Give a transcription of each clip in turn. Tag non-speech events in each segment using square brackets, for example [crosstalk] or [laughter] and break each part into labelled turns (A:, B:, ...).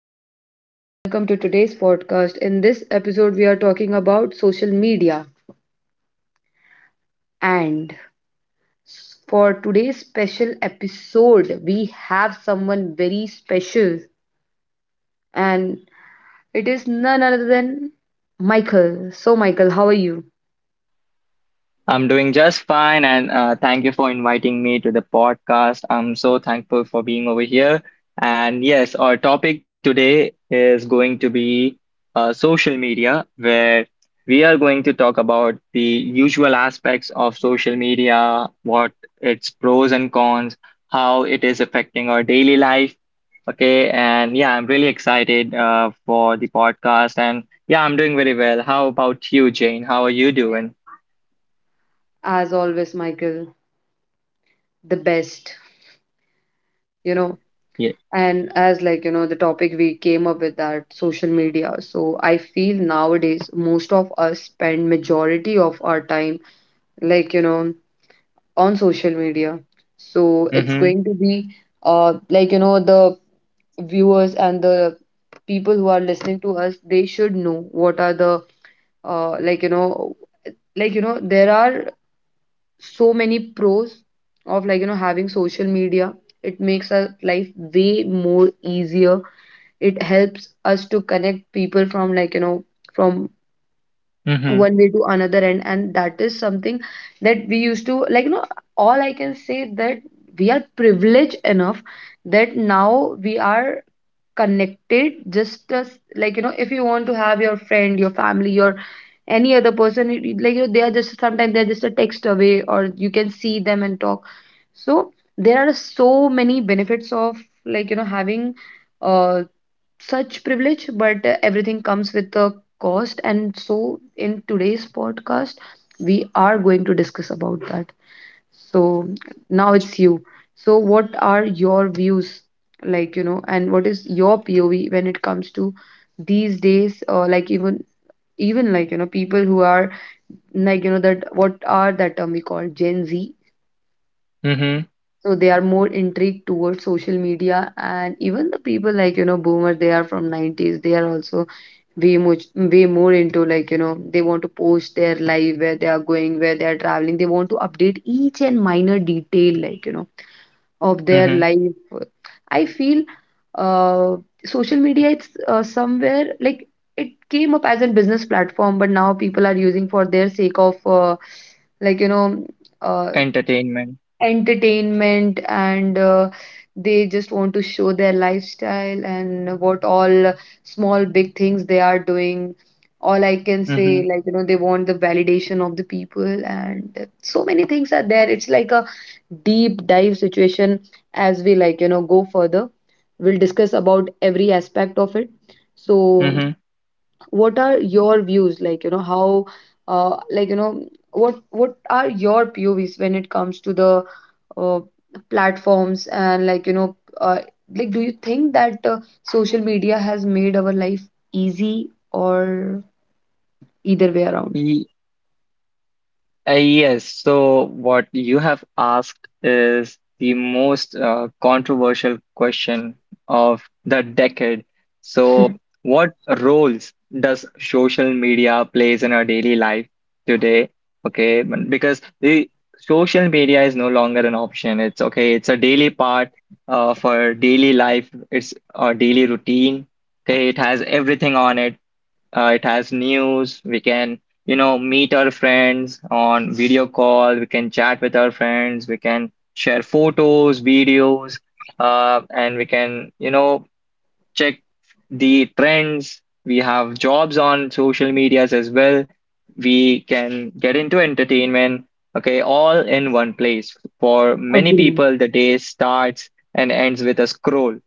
A: everyone, and welcome to today's podcast. In this episode, we are talking about social media. And for today's special episode, we have someone very special, and it is none other than Michael. So, Michael, how are you?
B: I'm doing just fine, and thank you for inviting me to the podcast. I'm so thankful for being over here. And yes, our topic today is going to be social media, where we are going to talk about the usual aspects of social media, what its pros and cons, how it is affecting our daily life. Okay, and yeah, I'm really excited for the podcast, and yeah, I'm doing very well. How about you, Jane? How are you doing?
A: As always, Michael, the best, you know.
B: Yeah.
A: And as like you know, the topic we came up with that social media. So I feel nowadays most of us spend majority of our time like you know on social media. So it's
B: Mm-hmm.
A: going to be the viewers and the people who are listening to us, they should know what are the uh like you know there are so many pros of having social media. It makes our life way more easier. It helps us to connect people from from
B: Mhm,
A: one way to another end, and that is something that we used to, all I can say that we are privileged enough that now we are connected just as, if you want to have your friend, your family, your any other person, they are just, sometimes they're just a text away, or you can see them and talk. So there are so many benefits of having uh such privilege, but everything comes with a cost. And so, in today's podcast, we are going to discuss about that. So, now it's you. So, what are your views, and what is your POV when it comes to these days, or like even, people who are, that what are that term we call Gen Z?
B: mhm,
A: So they are more intrigued towards social media, and even the people, Boomers, they are from 90s, they are also way much way more into, they want to post their life, where they are going, where they are traveling. They want to update each and minor detail, of their
B: mhm.
A: life. I feel uh social media it's, somewhere like it came up as a business platform, but now people are using for their sake of, like you know uh,
B: Entertainment.
A: entertainment. And they just want to show their lifestyle and what all small big things they are doing. All I can say,
B: Mhm,
A: they want the validation of the people, and so many things are there. It's like a deep dive situation. As we, go further, we'll discuss about every aspect of it. So
B: mhm.
A: what are your views, how, uh, like you know what are your POVs when it comes to the, uh, platforms, and like, do you think that social media has made our life easy or either way around?
B: Y- yes, so what you have asked is the most controversial question of the decade. So, what roles does social media plays in our daily life today? Okay, because the social media is no longer an option. It's okay, it's a daily part for daily life. It's a daily routine. Okay, it has everything on it. It has news. We can, you know, meet our friends on video call. We can chat with our friends. We can share photos, videos, and we can, you know, check the trends. We have jobs on social medias as well. We can get into entertainment, okay, all in one place. For many
A: Agree,
B: people, the day starts and ends with a scroll,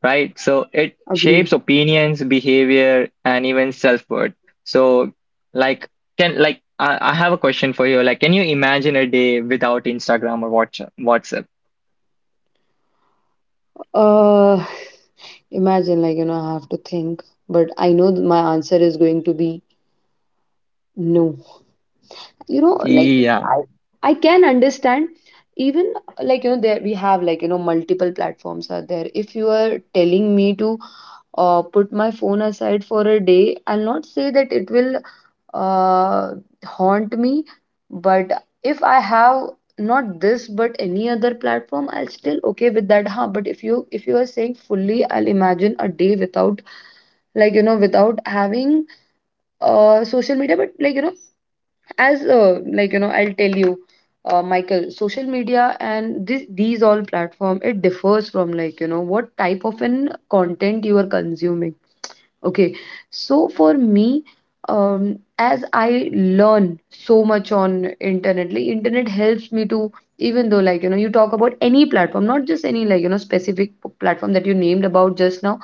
B: right? So it shapes
A: agree.
B: opinions, behavior, and even self-worth. So, like, can like I have a question for you. Like, can you imagine a day without Instagram or WhatsApp?
A: Uh, imagine, like, you know, I have to think, but I know my answer is going to be no. You know, like,
B: Yeah.
A: I I can understand, even, like, you know, there we have, like, you know, multiple platforms are there. If you are telling me to put my phone aside for a day, I'll not say that it will uh, haunt me. But if I have not this but any other platform, I'll still okay with that. Huh? But if you are saying fully, I'll imagine a day without, without having social media. But like you know as like you know I'll tell you. Michael, social media and this these all platform, it differs from, what type of an content you are consuming. Okay, so for me, as I learn so much on internet, like, internet helps me to, even though, you talk about any platform, not just any, specific platform that you named about just now.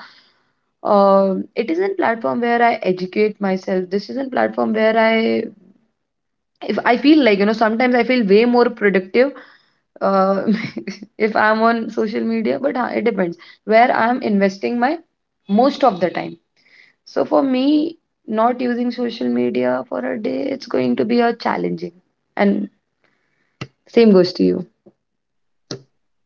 A: It is a platform where I educate myself. This is a platform where I, if I feel, sometimes I feel way more productive, uh, [laughs] if I'm on social media, but it depends where I'm investing my most of the time. So for me, not using social media for a day, it's going to be a challenging. And same goes to you.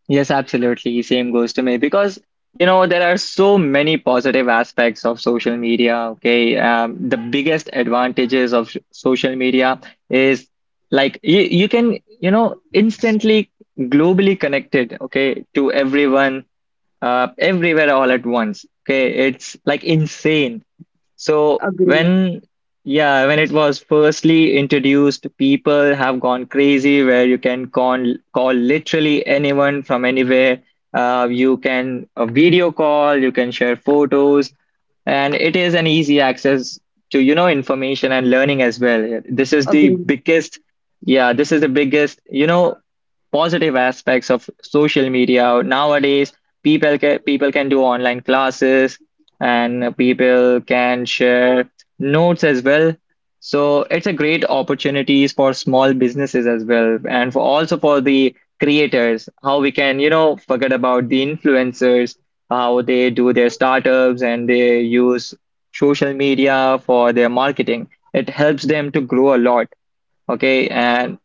B: Yes, absolutely. Same goes to me because you know there are so many positive aspects of social media. Okay, the biggest advantages of social media is like you can you know instantly globally connected. Okay, to everyone everywhere all at once. Okay, it's like insane. So
A: Agree,
B: when yeah, when it was firstly introduced, people have gone crazy where you can call literally anyone from anywhere. You can video call, you can share photos, and it is an easy access to you know information and learning as well. This is the
A: agree,
B: biggest, yeah, this is the biggest, you know, positive aspects of social media nowadays. People can, people can do online classes and people can share notes as well. So it's a great opportunities for small businesses as well and for also for the creators, how we can you know forget about the influencers, how they do their startups, and they use social media for their marketing. It helps them to grow a lot. Okay, and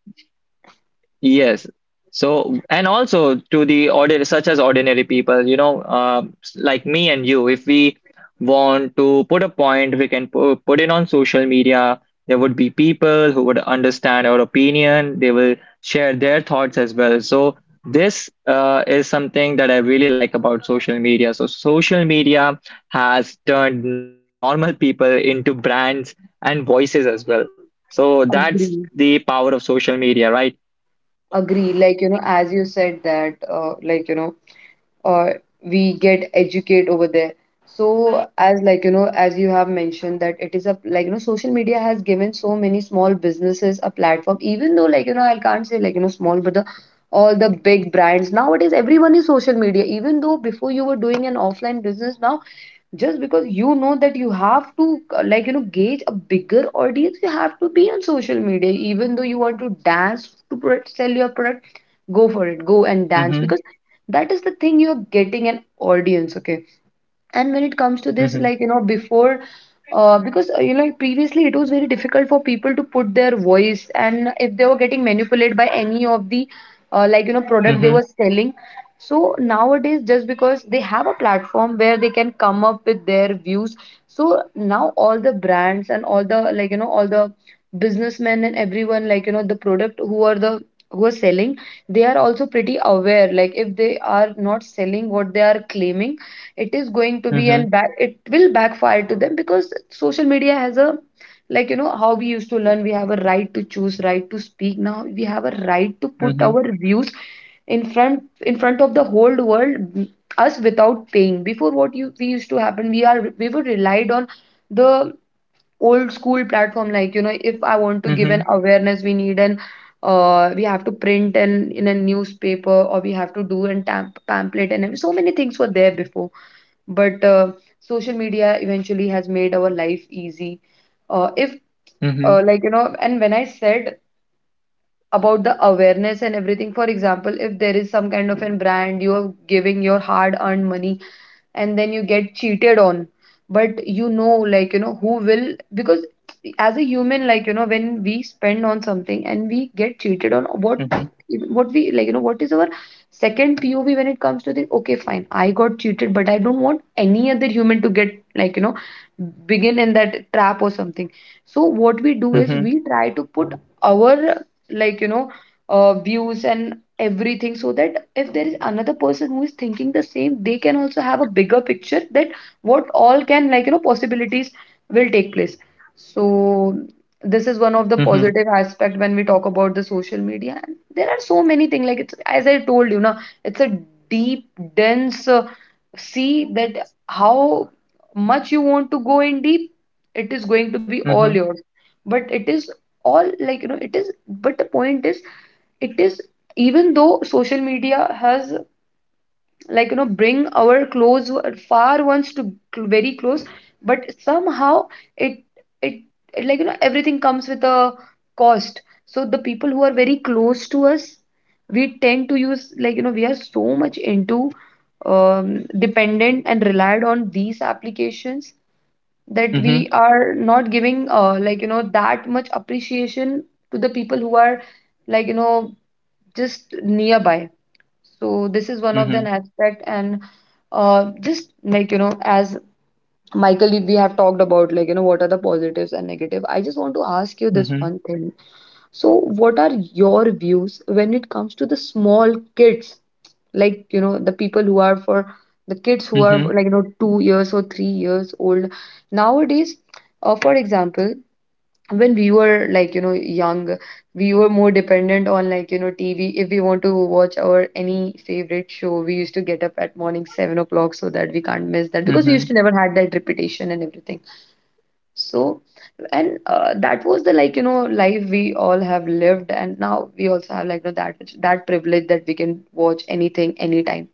B: yes. So, and also to the ordinary, such as ordinary people, you know, like me and you, if we want to put a point, we can put it on social media. There would be people who would understand our opinion. They will share their thoughts as well. So, this is something that I really like about social media. So, social media has turned normal people into brands and voices as well. So, that's the
A: agree,
B: power of social media, right?
A: agree. Like, you know, as you said that, uh, we get educate over there. So as, like, you know, as you have mentioned that it is a, like, you know, social media has given so many small businesses a platform, even though, like, you know, I can't say, small, but the all the big brands nowadays, everyone is social media. Even though before you were doing an offline business, now just because you know that you have to, gauge a bigger audience, you have to be on social media. Even though you want to dance to sell your product, go for it, go and dance,
B: Mhm,
A: because that is the thing, you're getting an audience. Okay, and when it comes to this,
B: mhm,
A: before, because, previously, it was very difficult for people to put their voice, and if they were getting manipulated by any of the, product they
B: mhm,
A: were selling. So nowadays, just because they have a platform where they can come up with their views, so now all the brands and all the, all the businessmen and everyone, the product, who are selling, they are also pretty aware, like, if they are not selling what they are claiming, it is going to be
B: mhm,
A: and back it will backfire to them, because social media has a, how we used to learn, we have a right to choose, right to speak, now we have a right to put
B: mhm,
A: our views in front of the whole world. Us, without paying before, what you, we used to happen we were relied on the old school platform. Like, you know, if I want to
B: mhm,
A: give
B: mhm,
A: an awareness, we need an, we have to print and in a newspaper, or we have to do an pamphlet, and so many things were there before. But social media eventually has made our life easy. If
B: mhm,
A: like you know And when I said about the awareness and everything, for example, if there is some kind of an brand, you are giving your hard earned money, and then you get cheated on. But you know, who will, because, as a human, when we spend on something and we get cheated on,
B: mhm,
A: what we like you know what is our second POV when it comes to the, okay fine, I got cheated, but I don't want any other human to get, begin in that trap or something. So what we do is
B: mhm,
A: we try to put our, like you know views and everything, so that if there is another person who is thinking the same, they can also have a bigger picture, that what all can, possibilities will take place. So this is one of the
B: mhm,
A: positive aspect when we talk about the social media, and there are so many things. Like, it's as I told you, now it's a deep dense sea, that how much you want to go in deep, it is going to be all
B: mhm,
A: yours. But it is all, it is, but the point is, it is, even though social media has, bring our close far ones to very close, but somehow it it, it, everything comes with a cost. So the people who are very close to us, we tend to use, we are so much into, dependent and relied on these applications, that
B: mhm,
A: we
B: mhm,
A: are not giving, that much appreciation to the people who are, like you know just nearby. So this is one of an aspect. And just like you know as Michael, we have talked about, what are the positives and negative. I just want to ask you this
B: mhm,
A: one thing. So what are your views when it comes to the small kids, like, the people who are for the kids who are like, 2 years or 3 years old nowadays? For example, when we were like, young, we were more dependent on like, tv. If we want to watch our any favorite show, we used to get up at morning 7 o'clock so that we can't miss that, because we
B: mhm,
A: used to never had that repetition and everything. So, and that was the, like, life we all have lived. And now we also have like, that privilege that we can watch anything anytime.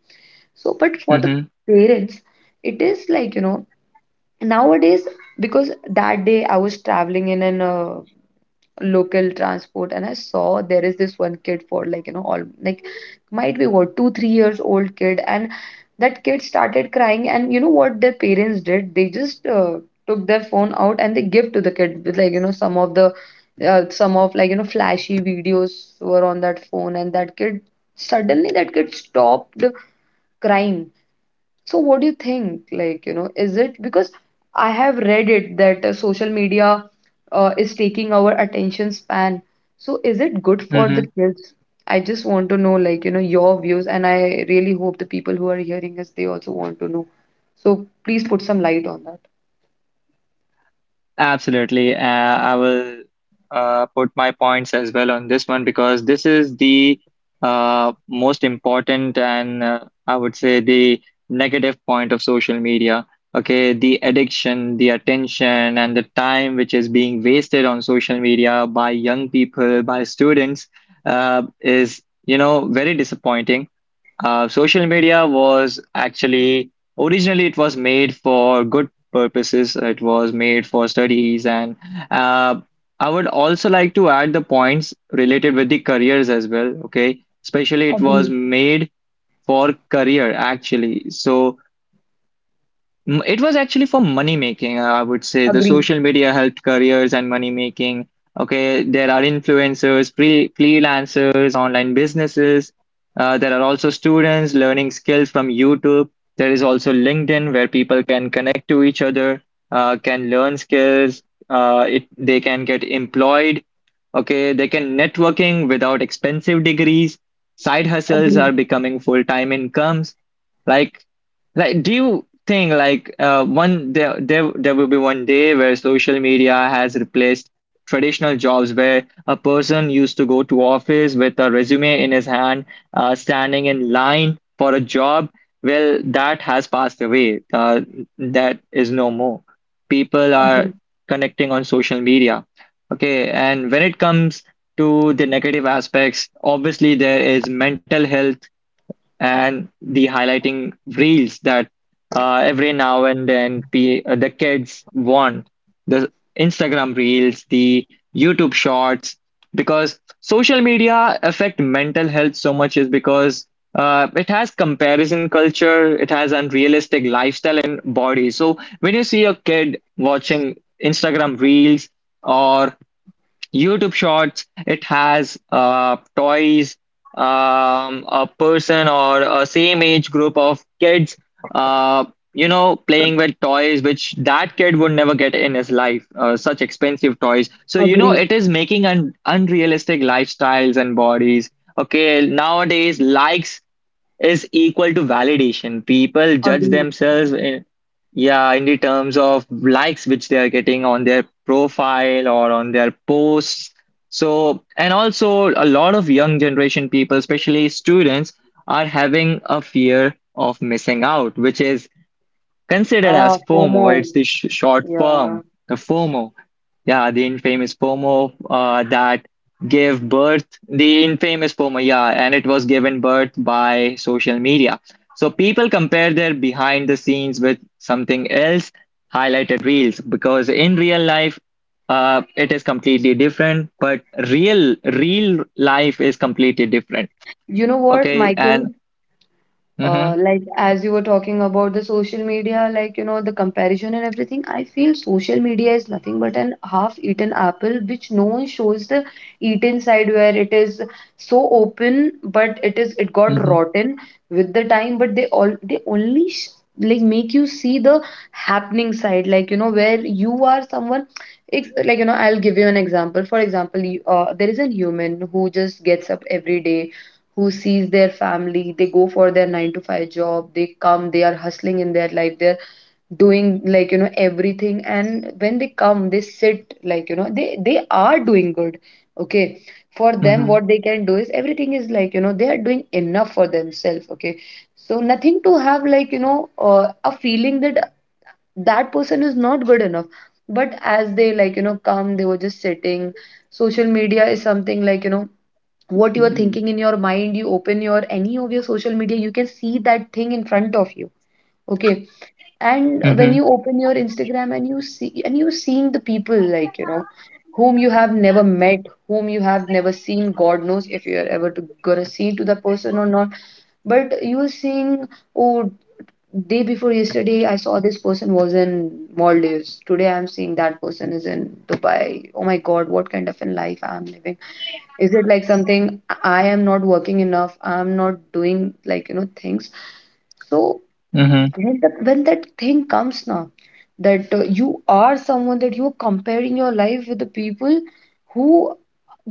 A: So, but for the
B: mhm,
A: parents, it is like, nowadays. Because that day I was traveling in an local transport, and I saw there is this one kid, for like, all, like, might be what, 2, 3 years old kid. And that kid started crying, and you know what their parents did? They just took their phone out and they give to the kid with, like, some of the some of like, flashy videos were on that phone. And that kid, suddenly that kid stopped crying. So what do you think? Like, is it because I have read it that social media is taking our attention span? So is it good for the
B: mhm.
A: kids? I just want to know, like, your views, and I really hope the people who are hearing us, they also want to know. So please put some light on that.
B: Absolutely. I will put my points as well on this one because this is the most important and I would say the negative point of social media. Okay, the addiction, the attention, and the time which is being wasted on social media by young people, by students, is, you know, very disappointing. Social media was actually originally it was made for good purposes. It was made for studies, and uh, I would also like to add the points related with the careers as well. Okay, especially it was
A: Agree,
B: made for career actually. So it was actually for money making, I would say. The
A: agree,
B: social media helped careers and money making. Okay, there are influencers, free freelancers, online businesses. There are also students learning skills from YouTube. There is also LinkedIn where people can connect to each other, can learn skills. They can get employed. Okay, they can networking without expensive degrees. Side hustles
A: agree,
B: are becoming full-time incomes. Like, do you thing like one there will be one day where social media has replaced traditional jobs, where a person used to go to office with a resume in his hand, standing in line for a job. Well, that has passed away. That is no more. People are
A: agree,
B: connecting on social media. Okay, and when it comes to the negative aspects, obviously there is mental health and the highlighting reels that every now and then pe the kids want the Instagram reels, the YouTube shorts, because social media affect mental health so much is because it has comparison culture, it has unrealistic lifestyle and body. So when you see a kid watching Instagram reels or YouTube Shorts, it has toys, a person or a same age group of kids, uh, playing with toys which that kid would never get in his life, such expensive toys. So, you know,
A: agree,
B: it is making un unrealistic lifestyles and bodies. Okay, nowadays likes is equal to validation. People judge
A: agree.
B: themselves in, yeah, in the terms of likes which they are getting on their profile or on their posts. So, and also a lot of young generation people, especially students, are having a fear of missing out, which is considered as
A: Ah,
B: FOMO.
A: FOMO.
B: It's the sh short
A: Yeah.
B: form, the FOMO. Yeah, the infamous FOMO that gave birth, the infamous FOMO, yeah, and it was given birth by social media. So people compare their behind the scenes with something else, highlighted reels, because in real life, it is completely different, but real life is completely different.
A: You know what,
B: Okay, and
A: Michael?
B: mm-hmm,
A: Like, as you were talking about the social media, like, the comparison and everything, I feel social media is nothing but an half-eaten apple, which no one shows the eaten side where it is so open, but it got
B: mm-hmm,
A: rotten with the time. But they only sh like, make you see the happening side, like, where you are someone. It's like, I'll give you an example. For example, there is a human who just gets up every day, who sees their family. They go for their 9 to 5 job, they come, they are hustling in their life, they're doing, like, everything. And when they come, they sit, like, they are doing good. Okay, for them,
B: mm-hmm,
A: what they can do is everything is, like, they are doing enough for themselves. Okay, so nothing to have, like, a feeling that that person is not good enough. But as they, like, come, they were just sitting. Social media is something, like, what you are thinking in your mind, you open your any of your social media, you can see that thing in front of you. Okay. And when
B: mm-hmm,
A: you open your Instagram and you see, and you seeing the people, like, whom you have never met, whom you have never seen. God knows if you are ever gonna see to that person or not. But you are seeing, oh, day before yesterday I saw this person was in Maldives, today I'm seeing that person is in Dubai. Oh my god, what kind of a life I'm living. Is it like something I am not working enough? I'm not doing, like, things. So
B: mm-hmm,
A: when that thing comes now, that you are someone that you're comparing your life with the people who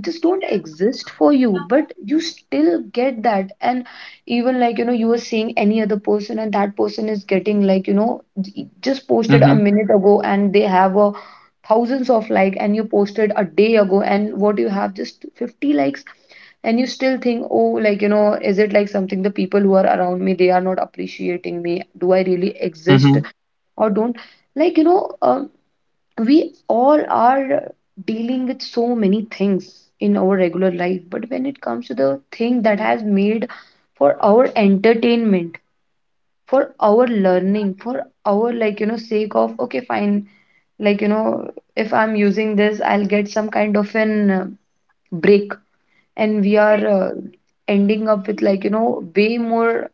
A: just don't exist for you, but you still get that. And even, like, you are seeing any other person, and that person is getting, like, just posted a
B: mm-hmm.
A: minute ago, and they have a thousands of like. And you posted a day ago, and what, you have just 50 likes. And you still think, oh, like, is it like something the people who are around me, they are not appreciating me? Do I really exist
B: Mm-hmm.
A: or don't? Like, we all are dealing with so many things in our regular life. But when it comes to the thing that has made for our entertainment, for our learning, for our, like, sake of, okay, fine. Like, if I'm using this, I'll get some kind of an break. And we are ending up with, like, way more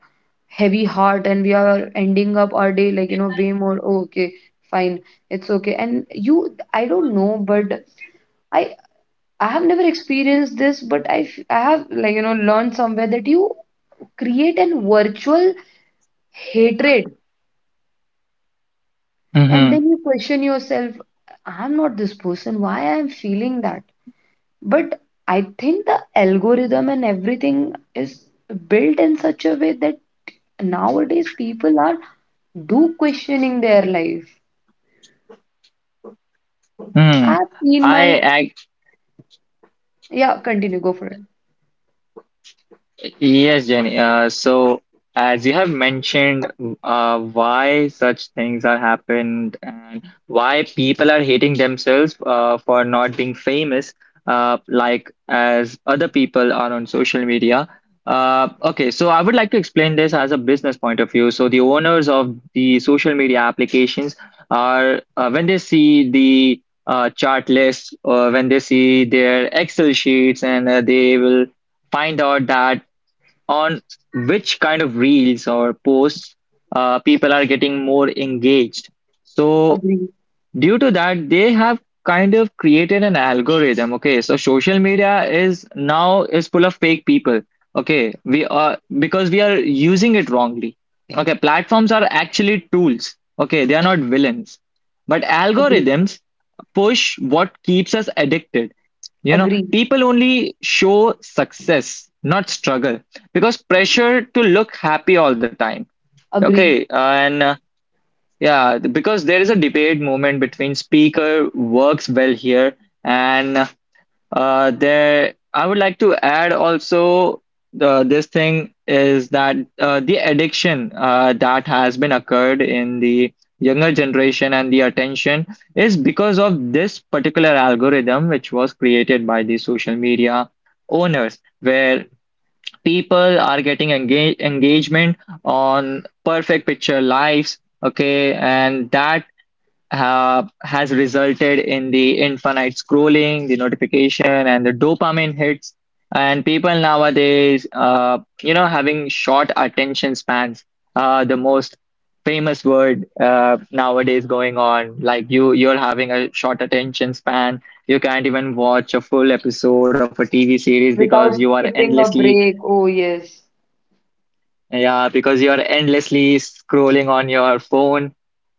A: heavy heart. And we are ending up our day, like, way more, oh, okay, fine, it's okay. And you, I don't know, but I I have never experienced this. But I have, like, learned somewhere that you create an virtual hatred. And
B: Mm-hmm.
A: then you question yourself, I'm not this person, why I am feeling that? But I think the algorithm and everything is built in such a way that nowadays people are do questioning their life.
B: Mm.
A: I've seen my,
B: I
A: yeah, continue, go for it.
B: Yes, Jenny. So, as you have mentioned, why such things are happened and why people are hating themselves for not being famous, like as other people are on social media. Okay, so I would like to explain this as a business point of view. So, the owners of the social media applications are when they see the chart lists or when they see their Excel sheets, and they will find out that on which kind of reels or posts people are getting more engaged. So,
A: Agree,
B: due to that, they have kind of created an algorithm. Okay, so social media is now is full of fake people. Okay, we are because we are using it wrongly. Okay, platforms are actually tools. Okay, they are not villains. But
A: agree,
B: algorithms push what keeps us addicted. You know,
A: agree,
B: people only show success, not struggle, because pressure to look happy all the time. Okay,
A: agree.
B: and yeah, because there is a debate moment between speaker works well here and there, I would like to add also the this thing is that the addiction that has been occurred in the younger generation and the attention is because of this particular algorithm which was created by the social media owners, where people are getting engagement on perfect picture lives, okay, and that has resulted in the infinite scrolling, the notification, and the dopamine hits. And people nowadays, having short attention spans, the most famous word nowadays going on. Like you're having a short attention span. You can't even watch a full episode of a TV series because you
A: Without
B: are
A: skipping a
B: endlessly,
A: break. Oh yes.
B: yeah, because you're endlessly scrolling on your phone.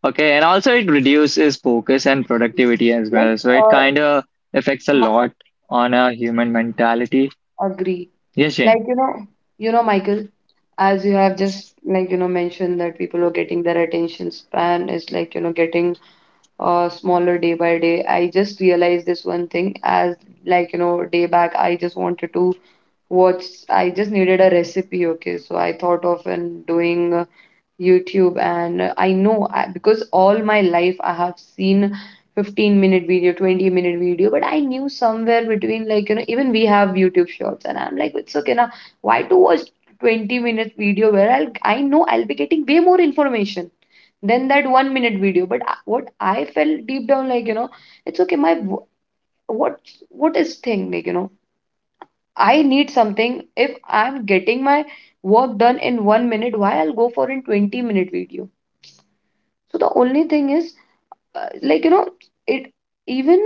B: Okay, and also it reduces focus and productivity as
A: Like,
B: well. So it kind of affects a
A: my,
B: lot on a human mentality.
A: agree.
B: Yes, Jane.
A: Like, you know, Michael, as you have just, like, mentioned, that people are getting, their attention span is, like, getting smaller day by day. I just realized this one thing. As, like, day back, I just wanted to, what's I just needed a recipe. Okay, so I thought of and doing YouTube. And I know because all my life I have seen 15-minute video, 20-minute video. But I knew somewhere between, like, even we have YouTube Shorts, and I'm like, it's okay now. Why to watch 20-minute video where I know I'll be getting way more information than that 1 minute video? But what I felt deep down, like, it's okay, my wo- what what is thing, like, I need something. If I'm getting my work done in 1 minute, why I'll go for a 20-minute video? So the only thing is, like, it even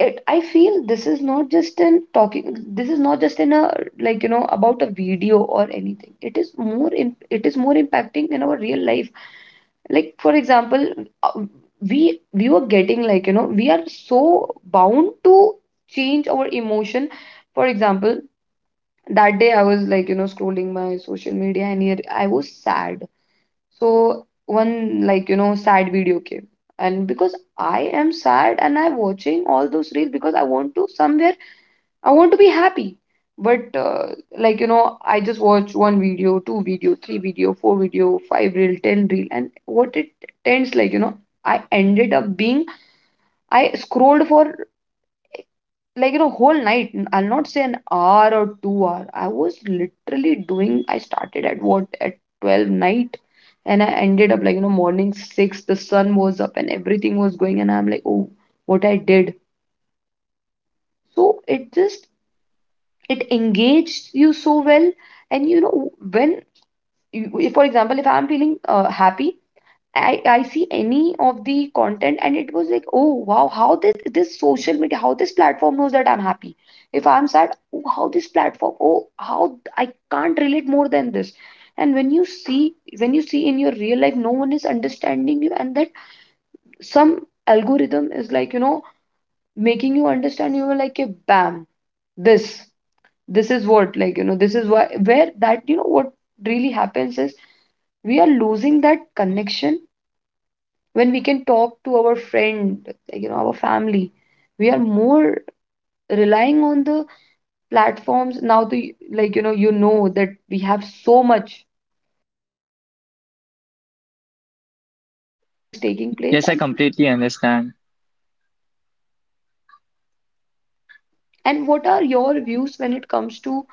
A: I feel this is not just in talking, this is not just in a, like, about a video or anything. It is more impacting in our real life. Like, for example, uh, we were getting, like, we are so bound to change our emotion. For example, that day I was, like, scrolling my social media, and here I was sad. So one, like, sad video came. And because I am sad and I'm watching all those reels, because I want to somewhere, I want to be happy. But like, I just watch one video, two video, three video, four video, five reel, ten reel. And what it tends, like, I ended up being, I scrolled for, like, whole night. I'll not say an hour or 2 hour, I was literally doing. I started at what, at 12 night, and I ended up, like, morning 6. The sun was up and everything was going, and I'm like, oh, what I did. So it just, it engaged you so well. And you know when you, if for example if I'm feeling happy, I see any of the content, and it was like, oh wow, how this social media, how this platform knows that I'm happy. If I'm sad, oh, how this platform, oh, how I can't relate more than this. And when you see in your real life, no one is understanding you. And that some algorithm is, like, making you understand, you were like a bam, this, this is what, like, this is why where that, what really happens is, we are losing that connection when we can talk to our friend, our family. We are more relying on the platforms now. The, like, that we have so much thing that is taking place.
B: Yes, I completely understand.
A: And what are your views when it comes to,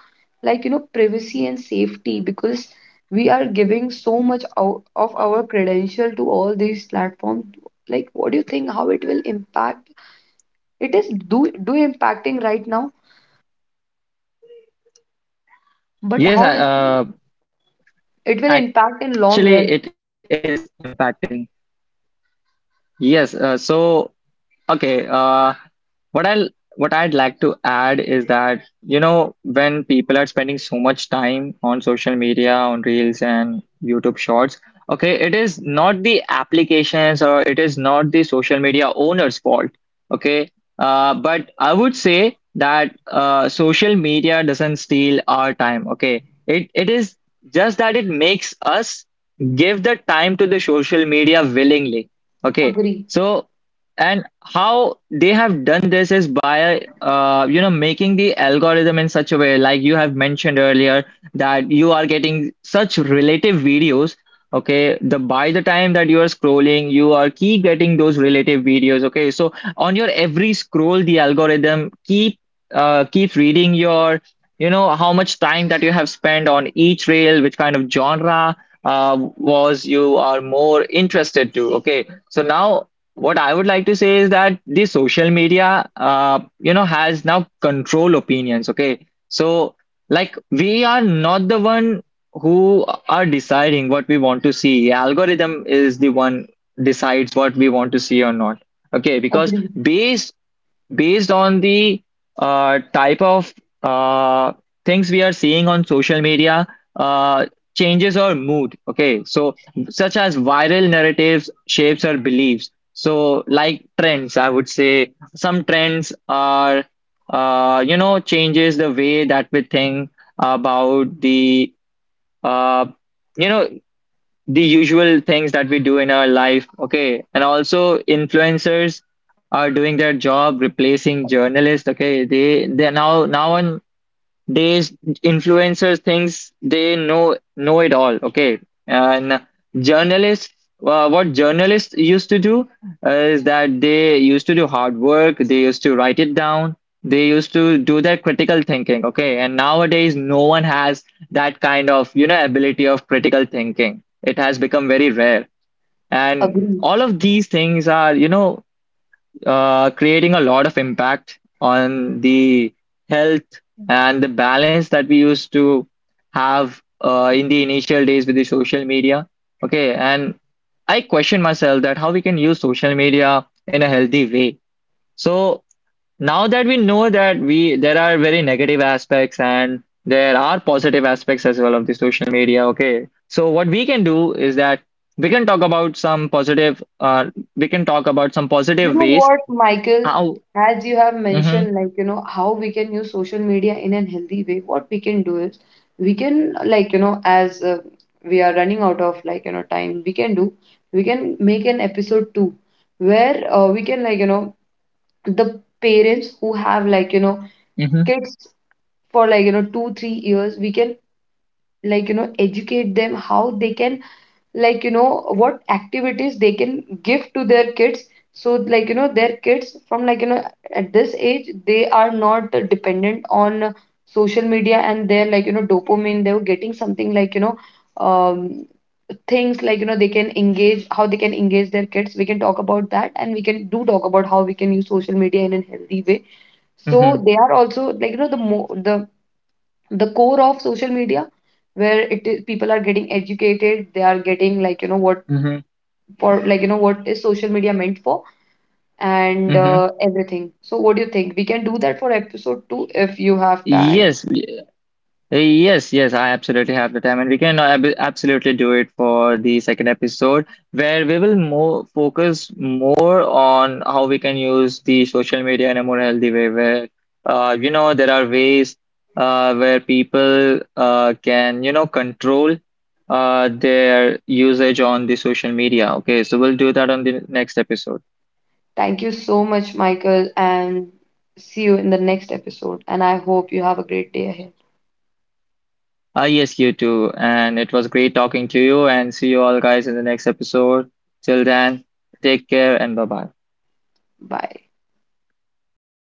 A: like, privacy and safety? Because we are giving so much out of our credential to all these platforms. Like, what do you think, how it will impact? It is do impacting right now, but
B: Yes,
A: how it it will
B: actually
A: impact in
B: it
A: long
B: is
A: run.
B: impacting. Yes, so okay, What I'll what I'd like to add is that, you know, when people are spending so much time on social media, on Reels and YouTube Shorts, okay, it is not the applications or it is not the social media owner's fault, okay? But I would say that social media doesn't steal our time, okay? It is just that it makes us give the time to the social media willingly, okay?
A: Agree,
B: So and how they have done this is by making the algorithm in such a way like you have mentioned earlier, that you are getting such relative videos. Okay, the by the time that you are scrolling you are keep getting those relative videos. Okay, so on your every scroll the algorithm keeps reading your you know how much time that you have spent on each reel, which kind of genre was you are more interested to. Okay, so now what I would like to say is that the social media, has now control opinions. Okay, so like we are not the one who are deciding what we want to see. Algorithm is the one decides what we want to see or not. Okay, because
A: agree,
B: based based on the type of uh, things we are seeing on social media uh, changes our mood. Okay, so such as viral narratives shapes our beliefs. So like trends, I would say some trends are changes the way that we think about the uh, you know the usual things that we do in our life. Okay. And also influencers are doing their job replacing journalists. Okay. They now on these influencers thinks they know it all. Okay, and journalists, what journalists used to do is that they used to do hard work. They used to write it down. They used to do their critical thinking. Okay, and nowadays no one has that kind of you know ability of critical thinking. It has become very rare, and
A: agree.
B: all of these things are creating a lot of impact on the health and the balance that we used to have in the initial days with the social media. Okay, and I question myself that how we can use social media in a healthy way. So now that we know that we there are very negative aspects and there are positive aspects as well of the social media. Okay, so what we can do is that we can talk about some positive. We can talk about some
A: You
B: positive
A: know
B: ways
A: what, Michael,
B: how.
A: as you have
B: Mm-hmm.
A: mentioned, like, how we can use social media in a healthy way, what we can do is, we can, like, as we are running out of, like, time, we can make an episode two, where we can, like, the parents who have, like,
B: Mm-hmm.
A: kids for, like, two, 3 years, we can, like, educate them how they can, like, what activities they can give to their kids. So, like, their kids from, like, at this age they are not dependent on social media. And they're, like, dopamine they were getting, something, like, um things, like, they can engage, how they can engage their kids. We can talk about that, and we can do talk about how we can use social media in a healthy way. So
B: Mm-hmm.
A: they are also, like, the mo the core of social media, where it is, people are getting educated, they are getting, like, what
B: Mm-hmm.
A: for, like, what is social media meant for, and
B: Mm-hmm.
A: everything. So what do you think? We can do that for episode two if you have time.
B: Yes. Yes. Yes. I absolutely have the time, and we can absolutely do it for the second episode, where we will more focus more on how we can use the social media in a more healthy way. Where, there are ways, where people, can, you know, control, their usage on the social media. Okay, so we'll do that on the next episode.
A: Thank you so much, Michael, and see you in the next episode. And I hope you have a great day ahead.
B: Ah, yes, you too. And it was great talking to you. And see you all guys in the next episode. Till then, take care and bye bye.
A: Bye.